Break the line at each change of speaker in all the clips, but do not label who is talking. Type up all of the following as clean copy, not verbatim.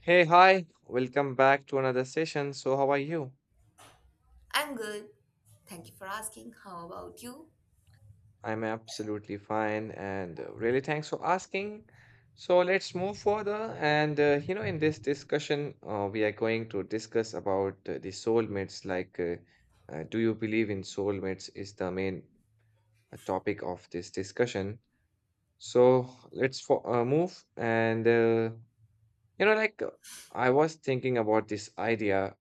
Hey, hi, welcome back to another session. So, how are you?
I'm good. Thank you for asking. How about you?
I'm absolutely fine and really thanks for asking. So, let's move further. In this discussion, we are going to discuss about the soulmates. Do you believe in soulmates is the main topic of this discussion. So, move and You know, like uh, I was thinking about this idea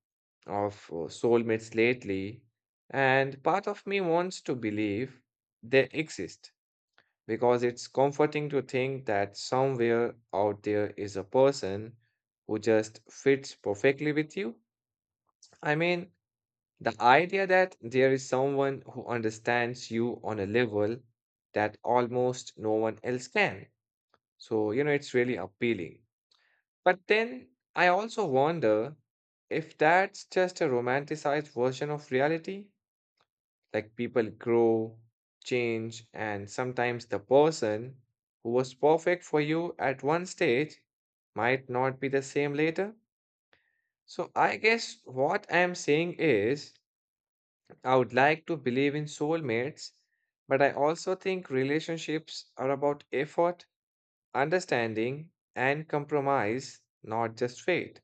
of soulmates lately, and part of me wants to believe they exist because it's comforting to think that somewhere out there is a person who just fits perfectly with you. I mean, the idea that there is someone who understands you on a level that almost no one else can. So, you know, it's really appealing. But then I also wonder if that's just a romanticized version of reality. Like, people grow, change, and sometimes the person who was perfect for you at one stage might not be the same later. So I guess what I'm saying is I would like to believe in soulmates, but I also think relationships are about effort, understanding, and compromise, not just fate.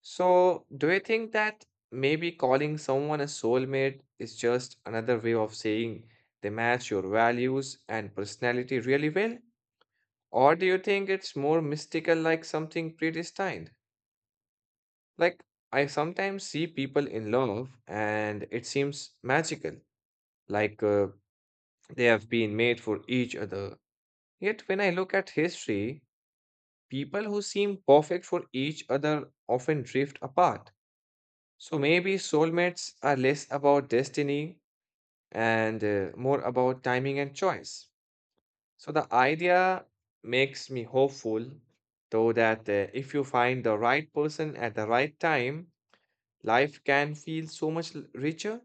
So, do you think that maybe calling someone a soulmate is just another way of saying they match your values and personality really well? Or do you think it's more mystical, like something predestined? Like, I sometimes see people in love and it seems magical, like they have been made for each other. Yet, when I look at history, people who seem perfect for each other often drift apart. So maybe soulmates are less about destiny and more about timing and choice. So the idea makes me hopeful, though, that if you find the right person at the right time, life can feel so much richer.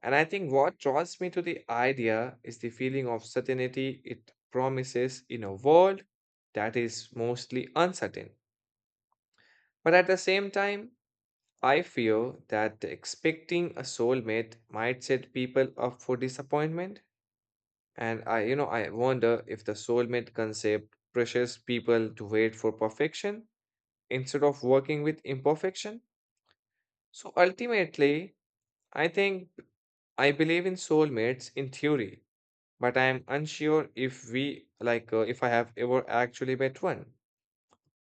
And I think what draws me to the idea is the feeling of certainty it promises in a world that is mostly uncertain. But at the same time, I fear that expecting a soulmate might set people up for disappointment. And I wonder if the soulmate concept pressures people to wait for perfection instead of working with imperfection. So ultimately, I think I believe in soulmates in theory, but I am unsure if we, like, if I have ever actually met one.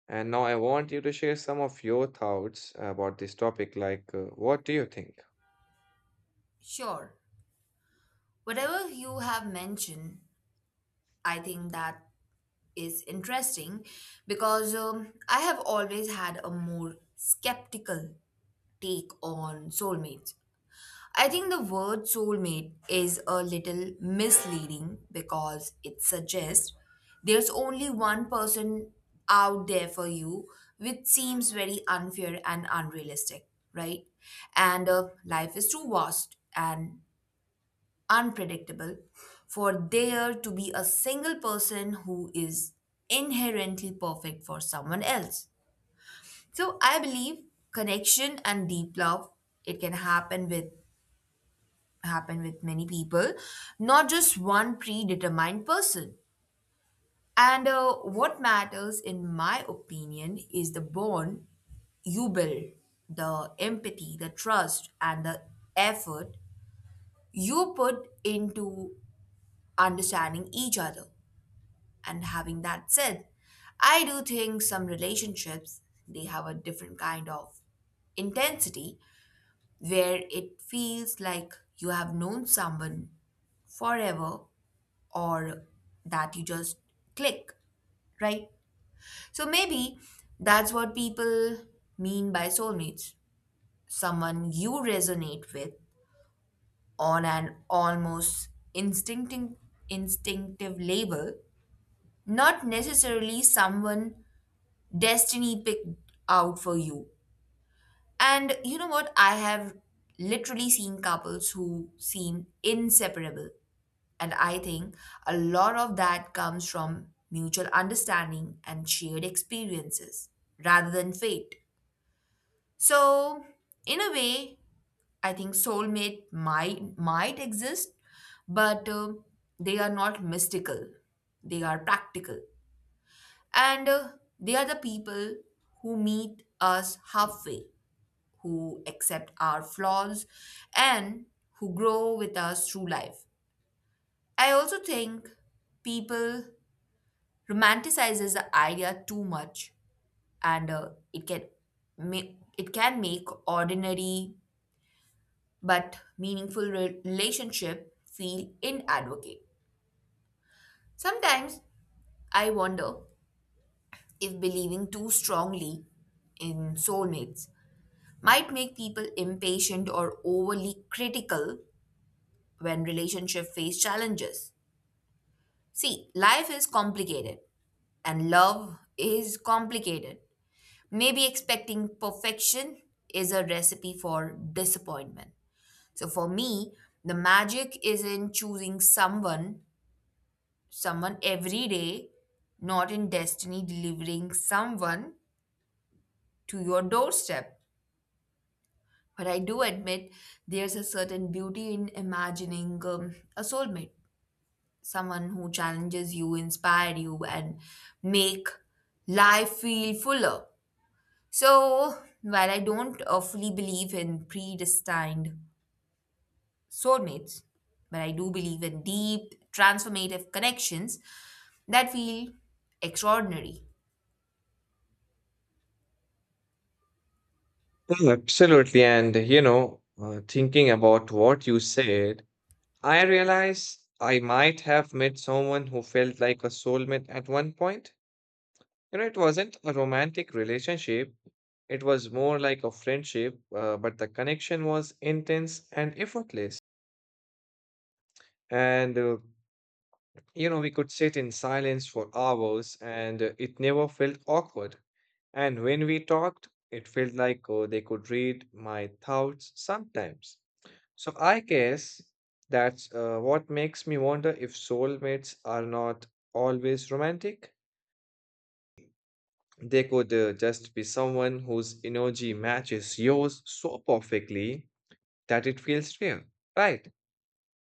And now I want you to share some of your thoughts about this topic. Like, what do you think?
Sure. Whatever you have mentioned, I think that is interesting because I have always had a more skeptical take on soulmates. I think the word soulmate is a little misleading because it suggests there's only one person out there for you, which seems very unfair and unrealistic, right? And Life is too vast and unpredictable for there to be a single person who is inherently perfect for someone else. So I believe connection and deep love it can happen with many people, not just one predetermined person. And What matters, in my opinion, is the bond you build, the empathy, the trust, and the effort you put into understanding each other. And having that said, I do think some relationships they have a different kind of intensity where it feels like you have known someone forever or that you just click, right? So maybe that's what people mean by soulmates, someone you resonate with on an almost instinctive label, not necessarily someone destiny picked out for you. And you know what? I have literally seen couples who seem inseparable. And I think a lot of that comes from mutual understanding and shared experiences rather than fate. So, in a way, I think soulmate might exist, but they are not mystical. They are practical. And They are the people who meet us halfway, who accept our flaws and who grow with us through life. I also think people romanticizes the idea too much, and it can make ordinary but meaningful relationship feel inadvocate. Sometimes I wonder if believing too strongly in soulmates might make people impatient or overly critical when relationship face challenges. See, life is complicated and love is complicated. Maybe expecting perfection is a recipe for disappointment. So for me, the magic is in choosing someone, someone every day, not in destiny delivering someone to your doorstep. But I do admit there's a certain beauty in imagining a soulmate, someone who challenges you, inspire you, and make life feel fuller. So, while I don't fully believe in predestined soulmates, but I do believe in deep, transformative connections that feel extraordinary.
Oh, absolutely. Thinking about what you said, I realize I might have met someone who felt like a soulmate at one point. You know, it wasn't a romantic relationship, it was more like a friendship, but the connection was intense and effortless. And, uh, we could sit in silence for hours and it never felt awkward. And when we talked, it felt like they could read my thoughts sometimes. So I guess that's what makes me wonder if soulmates are not always romantic. They could just be someone whose energy matches yours so perfectly that it feels real, right?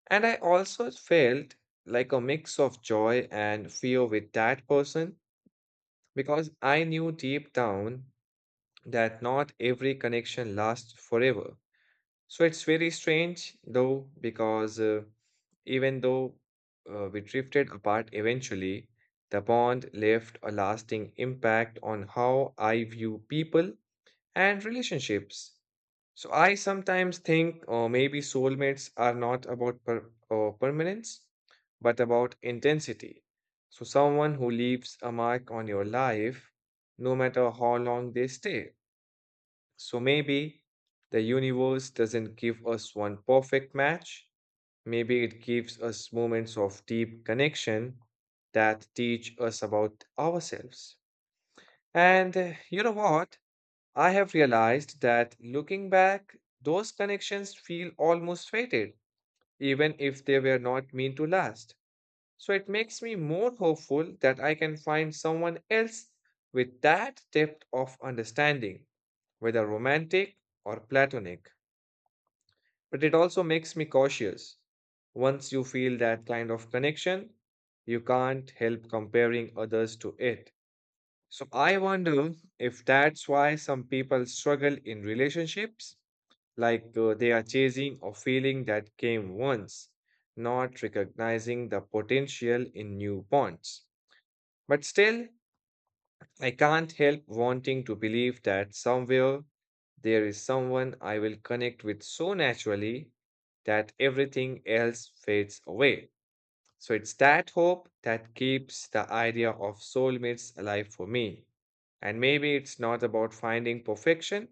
And I also felt like a mix of joy and fear with that person because I knew deep down that not every connection lasts forever. So it's very strange though, because even though we drifted apart eventually, the bond left a lasting impact on how I view people and relationships. So I sometimes think maybe soulmates are not about permanence, but about intensity. So someone who leaves a mark on your life, no matter how long they stay. So maybe the universe doesn't give us one perfect match. Maybe it gives us moments of deep connection that teach us about ourselves. And you know what? I have realized that looking back, those connections feel almost fated, even if they were not meant to last. So it makes me more hopeful that I can find someone else with that depth of understanding, whether romantic or platonic. But it also makes me cautious. Once you feel that kind of connection, you can't help comparing others to it. So I wonder if that's why some people struggle in relationships, like they are chasing a feeling that came once, not recognizing the potential in new bonds. But still, I can't help wanting to believe that somewhere there is someone I will connect with so naturally that everything else fades away. So it's that hope that keeps the idea of soulmates alive for me. And maybe it's not about finding perfection,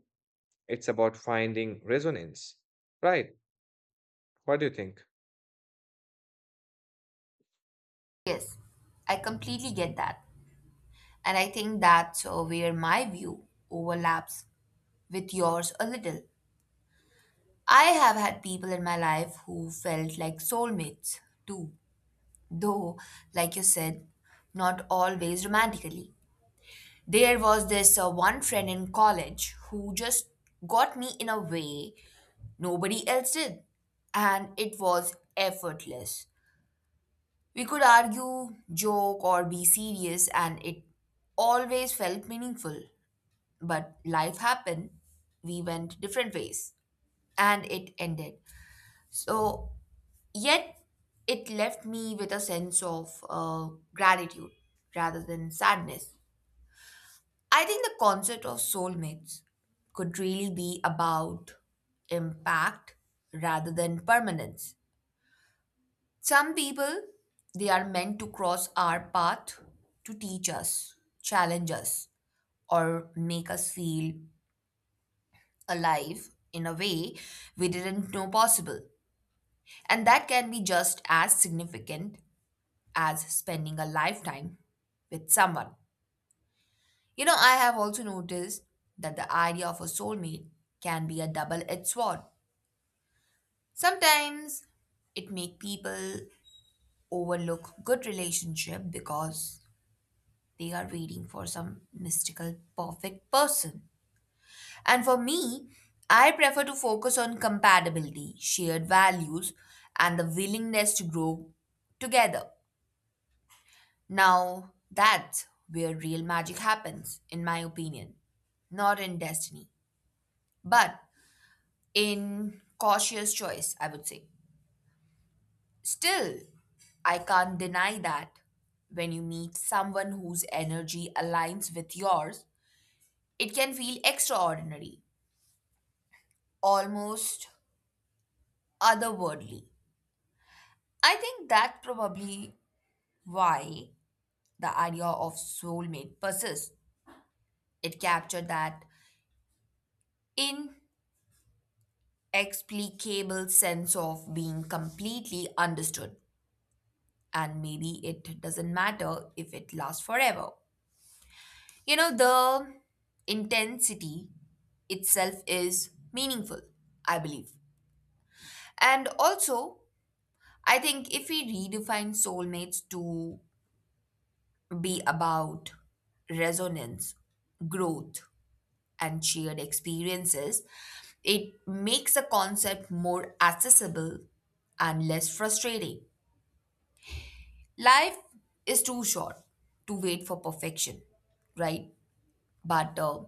it's about finding resonance. Right? What do you think?
Yes, I completely get that. And I think that's where my view overlaps with yours a little. I have had people in my life who felt like soulmates too, though, like you said, not always romantically. There was this one friend in college who just got me in a way nobody else did, and it was effortless. We could argue, joke, or be serious, and it always felt meaningful. But life happened, we went different ways, and it ended. So, yet it left me with a sense of gratitude rather than sadness. I think the concept of soulmates could really be about impact rather than permanence. Some people, they are meant to cross our path to teach us, challenge us, or make us feel alive in a way we didn't know possible. And that can be just as significant as spending a lifetime with someone. You know, I have also noticed that the idea of a soulmate can be a double edged sword. Sometimes it makes people overlook good relationship because they are waiting for some mystical perfect person. And for me, I prefer to focus on compatibility, shared values, and the willingness to grow together. Now, that's where real magic happens, in my opinion, not in destiny, but in cautious choice, I would say. Still, I can't deny that when you meet someone whose energy aligns with yours, it can feel extraordinary, almost otherworldly. I think that's probably why the idea of soulmate persists. It captured that inexplicable sense of being completely understood, and maybe it doesn't matter if it lasts forever. You know, the intensity itself is meaningful, I believe. And also, I think if we redefine soulmates to be about resonance, growth, and shared experiences, it makes the concept more accessible and less frustrating. Life is too short to wait for perfection, right? But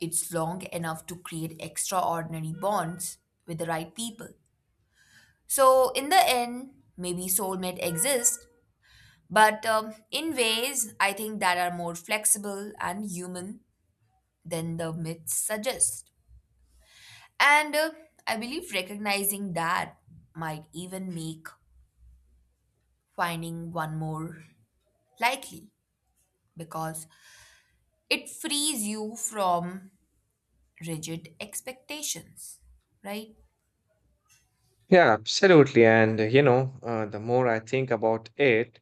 it's long enough to create extraordinary bonds with the right people. So, in the end, maybe soulmate exists, but in ways I think that are more flexible and human than the myths suggest. And I believe recognizing that might even make finding one more likely because it frees you from rigid expectations, right?
Yeah, absolutely. The more I think about it,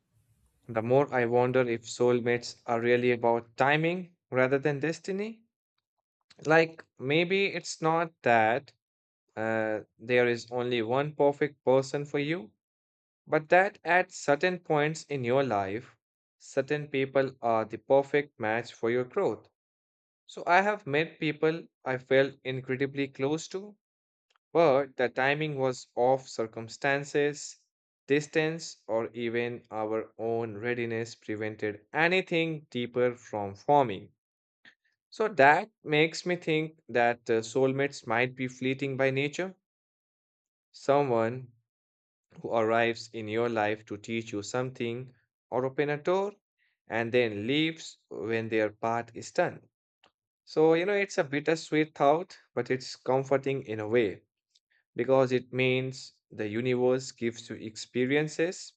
the more I wonder if soulmates are really about timing rather than destiny. Like, maybe it's not that there is only one perfect person for you, but that at certain points in your life, certain people are the perfect match for your growth. So, I have met people I felt incredibly close to, but the timing was off circumstances, distance, or even our own readiness prevented anything deeper from forming. So that makes me think that soulmates might be fleeting by nature. Someone who arrives in your life to teach you something or open a door and then leaves when their path is done. So, you know, it's a bittersweet thought, but it's comforting in a way, because it means the universe gives you experiences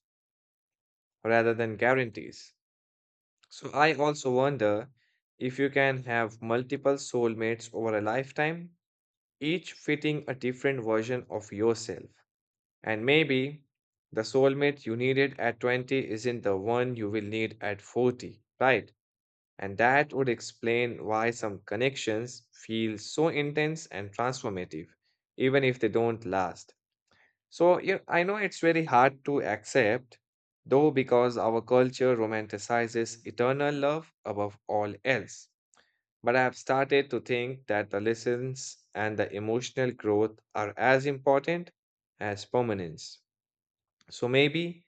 rather than guarantees. So I also wonder if you can have multiple soulmates over a lifetime, each fitting a different version of yourself. And maybe the soulmate you needed at 20 isn't the one you will need at 40, right? And that would explain why some connections feel so intense and transformative, even if they don't last. So, yeah, I know it's very hard to accept, though, because our culture romanticizes eternal love above all else. But I have started to think that the lessons and the emotional growth are as important as permanence. So maybe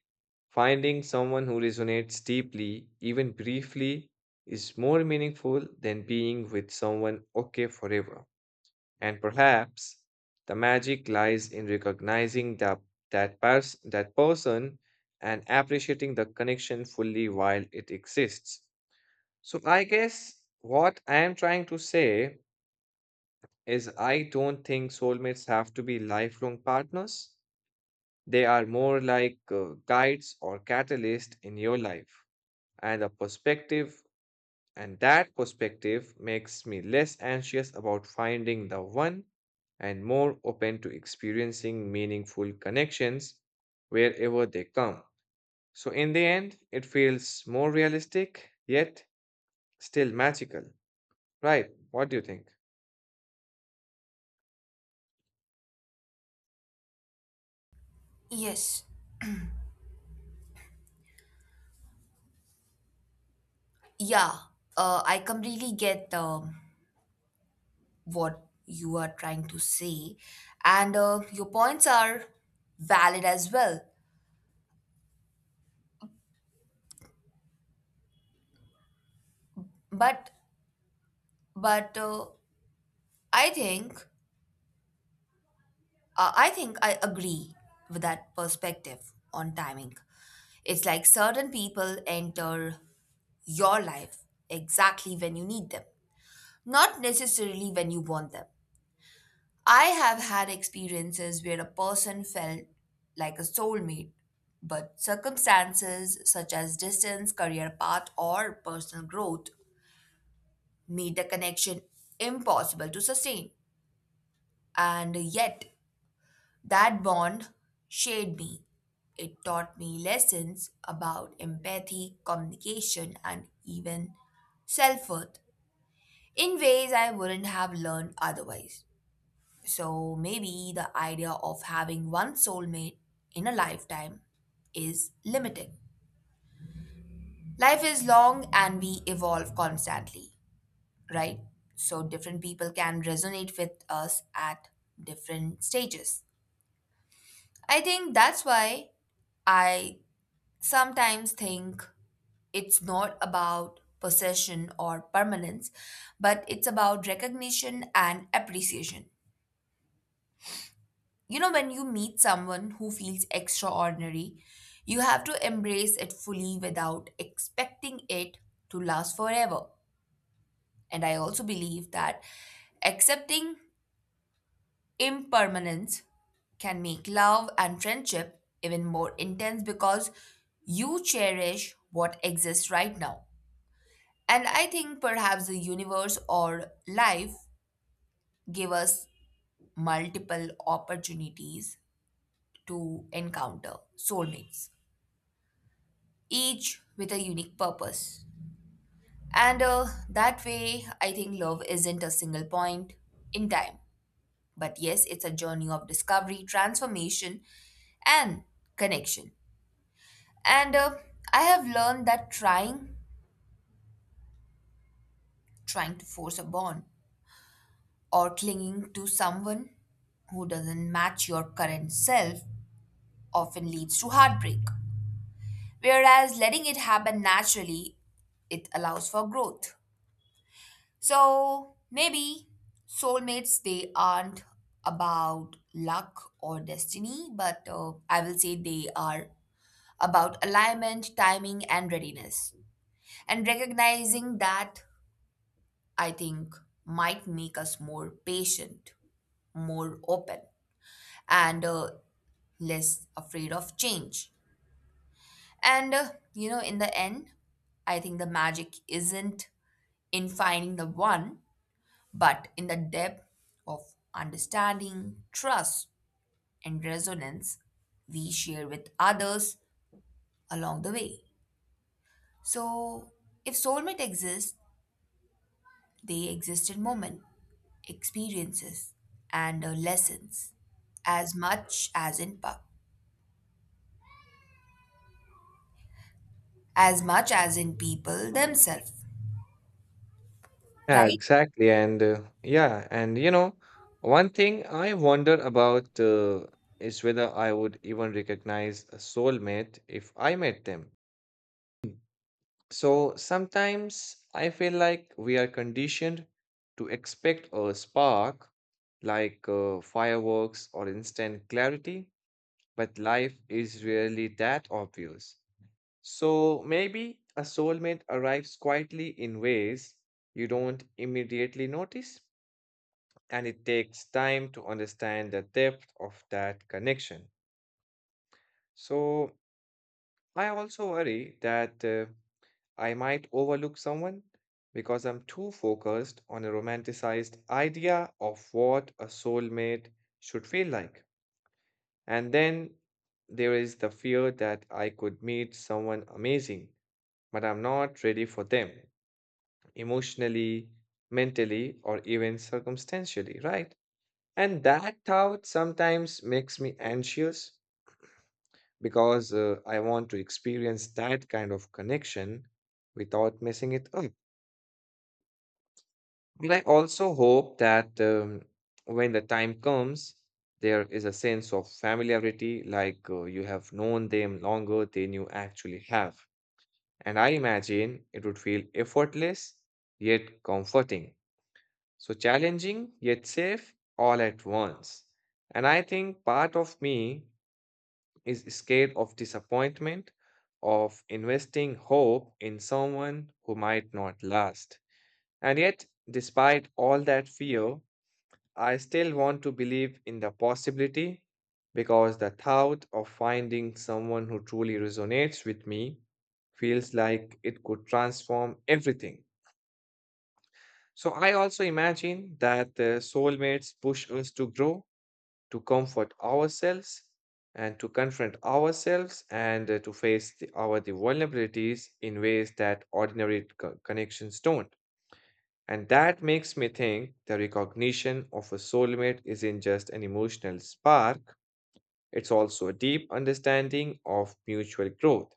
finding someone who resonates deeply, even briefly, is more meaningful than being with someone okay forever. And perhaps the magic lies in recognizing that person and appreciating the connection fully while it exists. So, I guess what I am trying to say is I don't think soulmates have to be lifelong partners. They are more like guides or catalyst in your life. And the perspective And that perspective makes me less anxious about finding the one and more open to experiencing meaningful connections wherever they come. So, in the end, it feels more realistic yet still magical, right? What do you think?
Yes. Yeah, I completely get what you are trying to say, and your points are valid as well. But but I think I think I agree with that perspective on timing. It's like certain people enter your life exactly when you need them, not necessarily when you want them. I have had experiences where a person felt like a soulmate, but circumstances such as distance, career path, or personal growth made the connection impossible to sustain. And yet, that bond shaped me. It taught me lessons about empathy, communication, and even self worth in ways I wouldn't have learned otherwise. So maybe the idea of having one soulmate in a lifetime is limiting. Life is long and we evolve constantly, right? So different people can resonate with us at different stages. I think that's why I sometimes think it's not about possession or permanence, but it's about recognition and appreciation. You know, when you meet someone who feels extraordinary, you have to embrace it fully without expecting it to last forever. And I also believe that accepting impermanence can make love and friendship even more intense because you cherish what exists right now. And I think perhaps the universe or life give us multiple opportunities to encounter soulmates, each with a unique purpose. And That way, I think love isn't a single point in time, but yes, it's a journey of discovery, transformation, and connection. And I have learned that trying to force a bond or clinging to someone who doesn't match your current self often leads to heartbreak. Whereas letting it happen naturally, it allows for growth. So maybe soulmates, they aren't about luck or destiny, but I will say they are about alignment, timing, and readiness. And recognizing that, I think, might make us more patient, more open, and less afraid of change. And, you know, in the end, I think the magic isn't in finding the one, but in the depth of understanding, trust, and resonance we share with others along the way. So, if soulmate exists, they exist in moment, experiences, and lessons, as much as as much as in people themselves,
Yeah,
right?
exactly. And yeah, and you know, One thing I wonder about is whether I would even recognize a soulmate if I met them. So sometimes I feel like we are conditioned to expect a spark like fireworks or instant clarity, but life is really that obvious. So maybe a soulmate arrives quietly in ways you don't immediately notice, and it takes time to understand the depth of that connection. So I also worry that. I might overlook someone because I'm too focused on a romanticized idea of what a soulmate should feel like. And then there is the fear that I could meet someone amazing, but I'm not ready for them emotionally, mentally, or even circumstantially, right? And that thought sometimes makes me anxious because I want to experience that kind of connection without messing it up. And I also hope that when the time comes, there is a sense of familiarity, like you have known them longer than you actually have. And I imagine it would feel effortless yet comforting. So challenging yet safe all at once. And I think part of me is scared of disappointment, of investing hope in someone who might not last. And yet, despite all that fear, I still want to believe in the possibility because the thought of finding someone who truly resonates with me feels like it could transform everything. So I also imagine that the soulmates push us to grow, to comfort ourselves, and to confront ourselves and to face the, our the vulnerabilities in ways that ordinary connections don't. And that makes me think the recognition of a soulmate isn't just an emotional spark, it's also a deep understanding of mutual growth.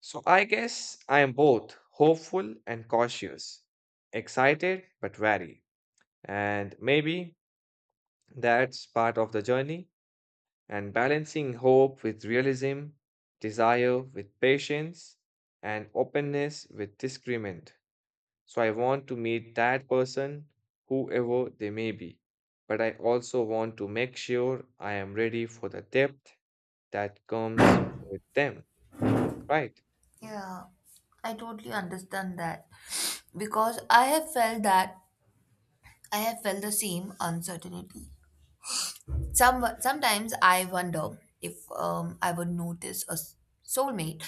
So I guess I am both hopeful and cautious, excited but wary. And maybe that's part of the journey and balancing hope with realism, desire with patience, and openness with discernment. So I want to meet that person, whoever they may be. But I also want to make sure I am ready for the depth that comes with them, right?
Yeah, I totally understand that because I have felt the same uncertainty. Sometimes I wonder if I would notice a soulmate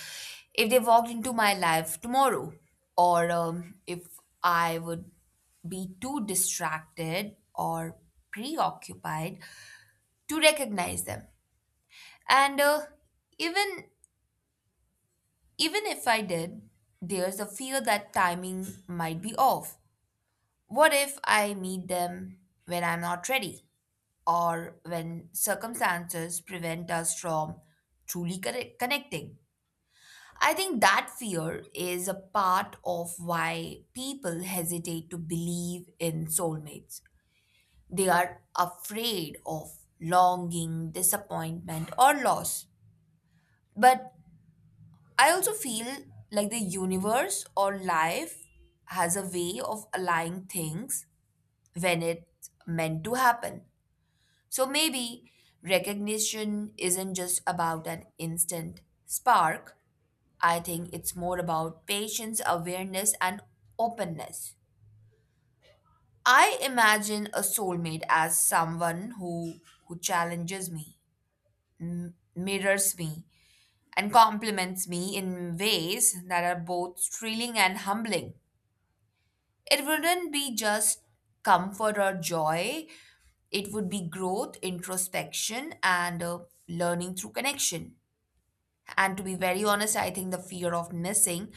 if they walked into my life tomorrow, or if I would be too distracted or preoccupied to recognize them. And even even if I did, there's a fear that timing might be off. What if I meet them when I'm not ready, or when circumstances prevent us from truly connecting? I think that fear is a part of why people hesitate to believe in soulmates. They are afraid of longing, disappointment, or loss. But I also feel like the universe or life has a way of aligning things when it's meant to happen. So maybe recognition isn't just about an instant spark. I think it's more about patience, awareness, and openness. I imagine a soulmate as someone who challenges me, mirrors me, and compliments me in ways that are both thrilling and humbling. It wouldn't be just comfort or joy, it would be growth, introspection, and learning through connection. And to be very honest, I think the fear of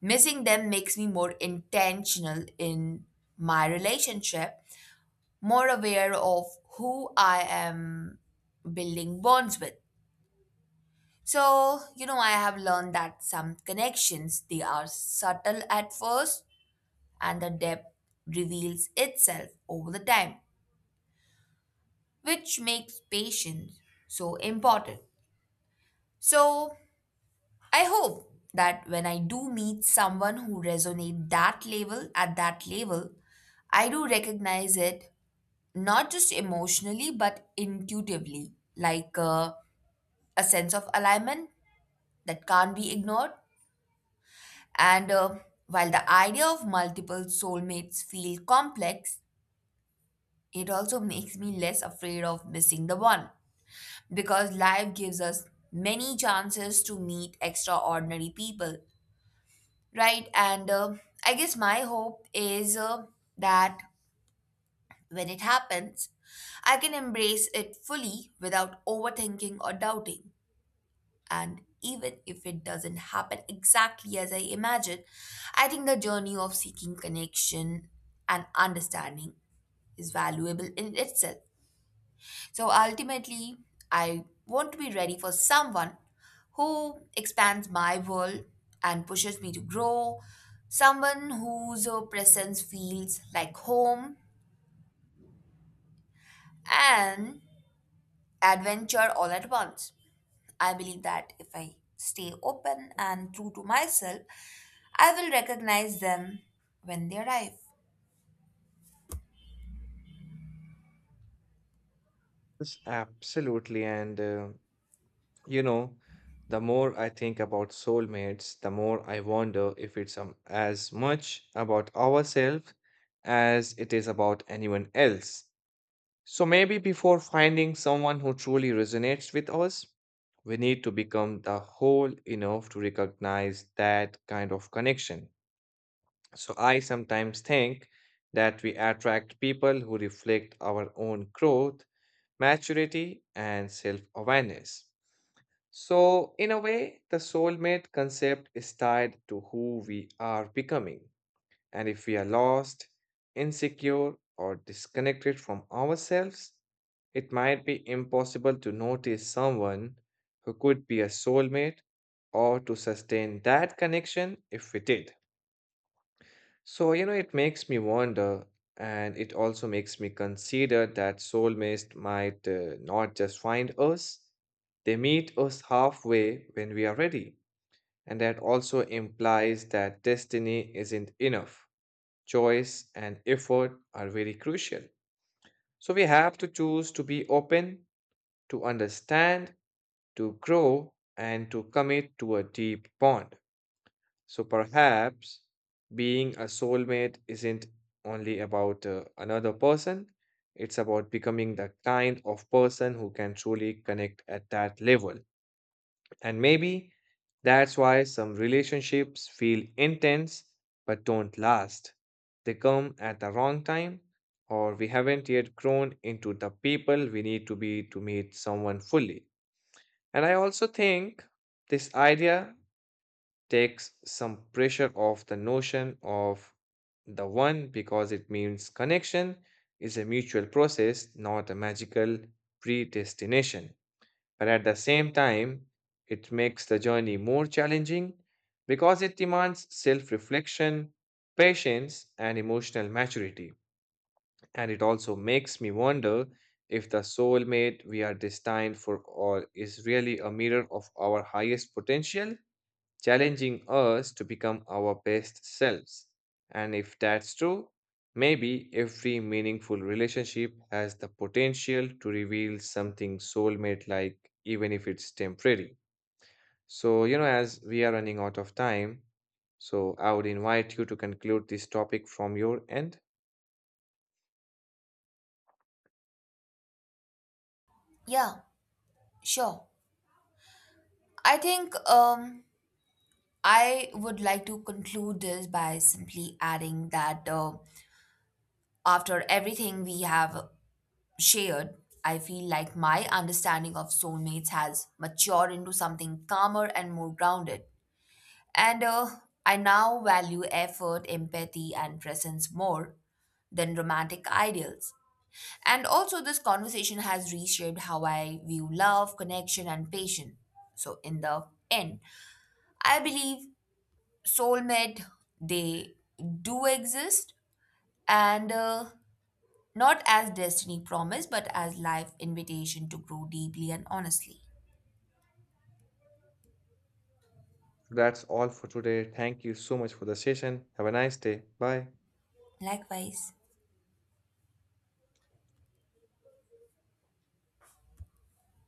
missing them makes me more intentional in my relationship, more aware of who I am building bonds with. So, you know, I have learned that some connections they are subtle at first and the depth reveals itself over the time, which makes patience so important. So, I hope that when I do meet someone who resonates that level at that level, I do recognize it not just emotionally but intuitively, like a sense of alignment that can't be ignored. And While the idea of multiple soulmates feel complex, it also makes me less afraid of missing the one because life gives us many chances to meet extraordinary people. Right, and I guess my hope is that when it happens, I can embrace it fully without overthinking or doubting. And even if it doesn't happen exactly as I imagine, I think the journey of seeking connection and understanding is valuable in itself. So ultimately, I want to be ready for someone who expands my world and pushes me to grow, someone whose presence feels like home and adventure all at once. I believe that if I stay open and true to myself, I will recognize them when they arrive.
Yes, absolutely. You know, the more I think about soulmates, the more I wonder if it's as much about ourselves as it is about anyone else. So maybe before finding someone who truly resonates with us, we need to become the whole enough to recognize that kind of connection. So I sometimes think that we attract people who reflect our own growth, maturity, and self awareness. So, in a way, the soulmate concept is tied to who we are becoming. And if we are lost, insecure, or disconnected from ourselves, it might be impossible to notice someone who could be a soulmate or to sustain that connection if we did. So, you know, it makes me wonder, and it also makes me consider that soulmates might not just find us, they meet us halfway when we are ready. And that also implies that destiny isn't enough. Choice and effort are very crucial. So we have to choose to be open, to understand, to grow and to commit to a deep bond. So perhaps being a soulmate isn't only about another person, it's about becoming the kind of person who can truly connect at that level. And maybe that's why some relationships feel intense but don't last. They come at the wrong time, or we haven't yet grown into the people we need to be to meet someone fully. And I also think this idea takes some pressure off the notion of the one because it means connection is a mutual process, not a magical predestination. But at the same time, it makes the journey more challenging because it demands self reflection, patience, and emotional maturity. And it also makes me wonder if the soulmate we are destined for all is really a mirror of our highest potential, challenging us to become our best selves. And if that's true, maybe every meaningful relationship has the potential to reveal something soulmate like, even if it's temporary. So, you know, as we are running out of time, so I would invite you to conclude this topic from your end.
Yeah, sure. I think I would like to conclude this by simply adding that. After everything we have shared, I feel like my understanding of soulmates has matured into something calmer and more grounded. And I now value effort, empathy, and presence more than romantic ideals. And also, this conversation has reshaped how I view love, connection, and patience. So, in the end, I believe soulmate they do exist, and not as destiny promise, but as life invitation to grow deeply and honestly.
That's all for today. Thank you so much for the session. Have a nice day. Bye.
Likewise.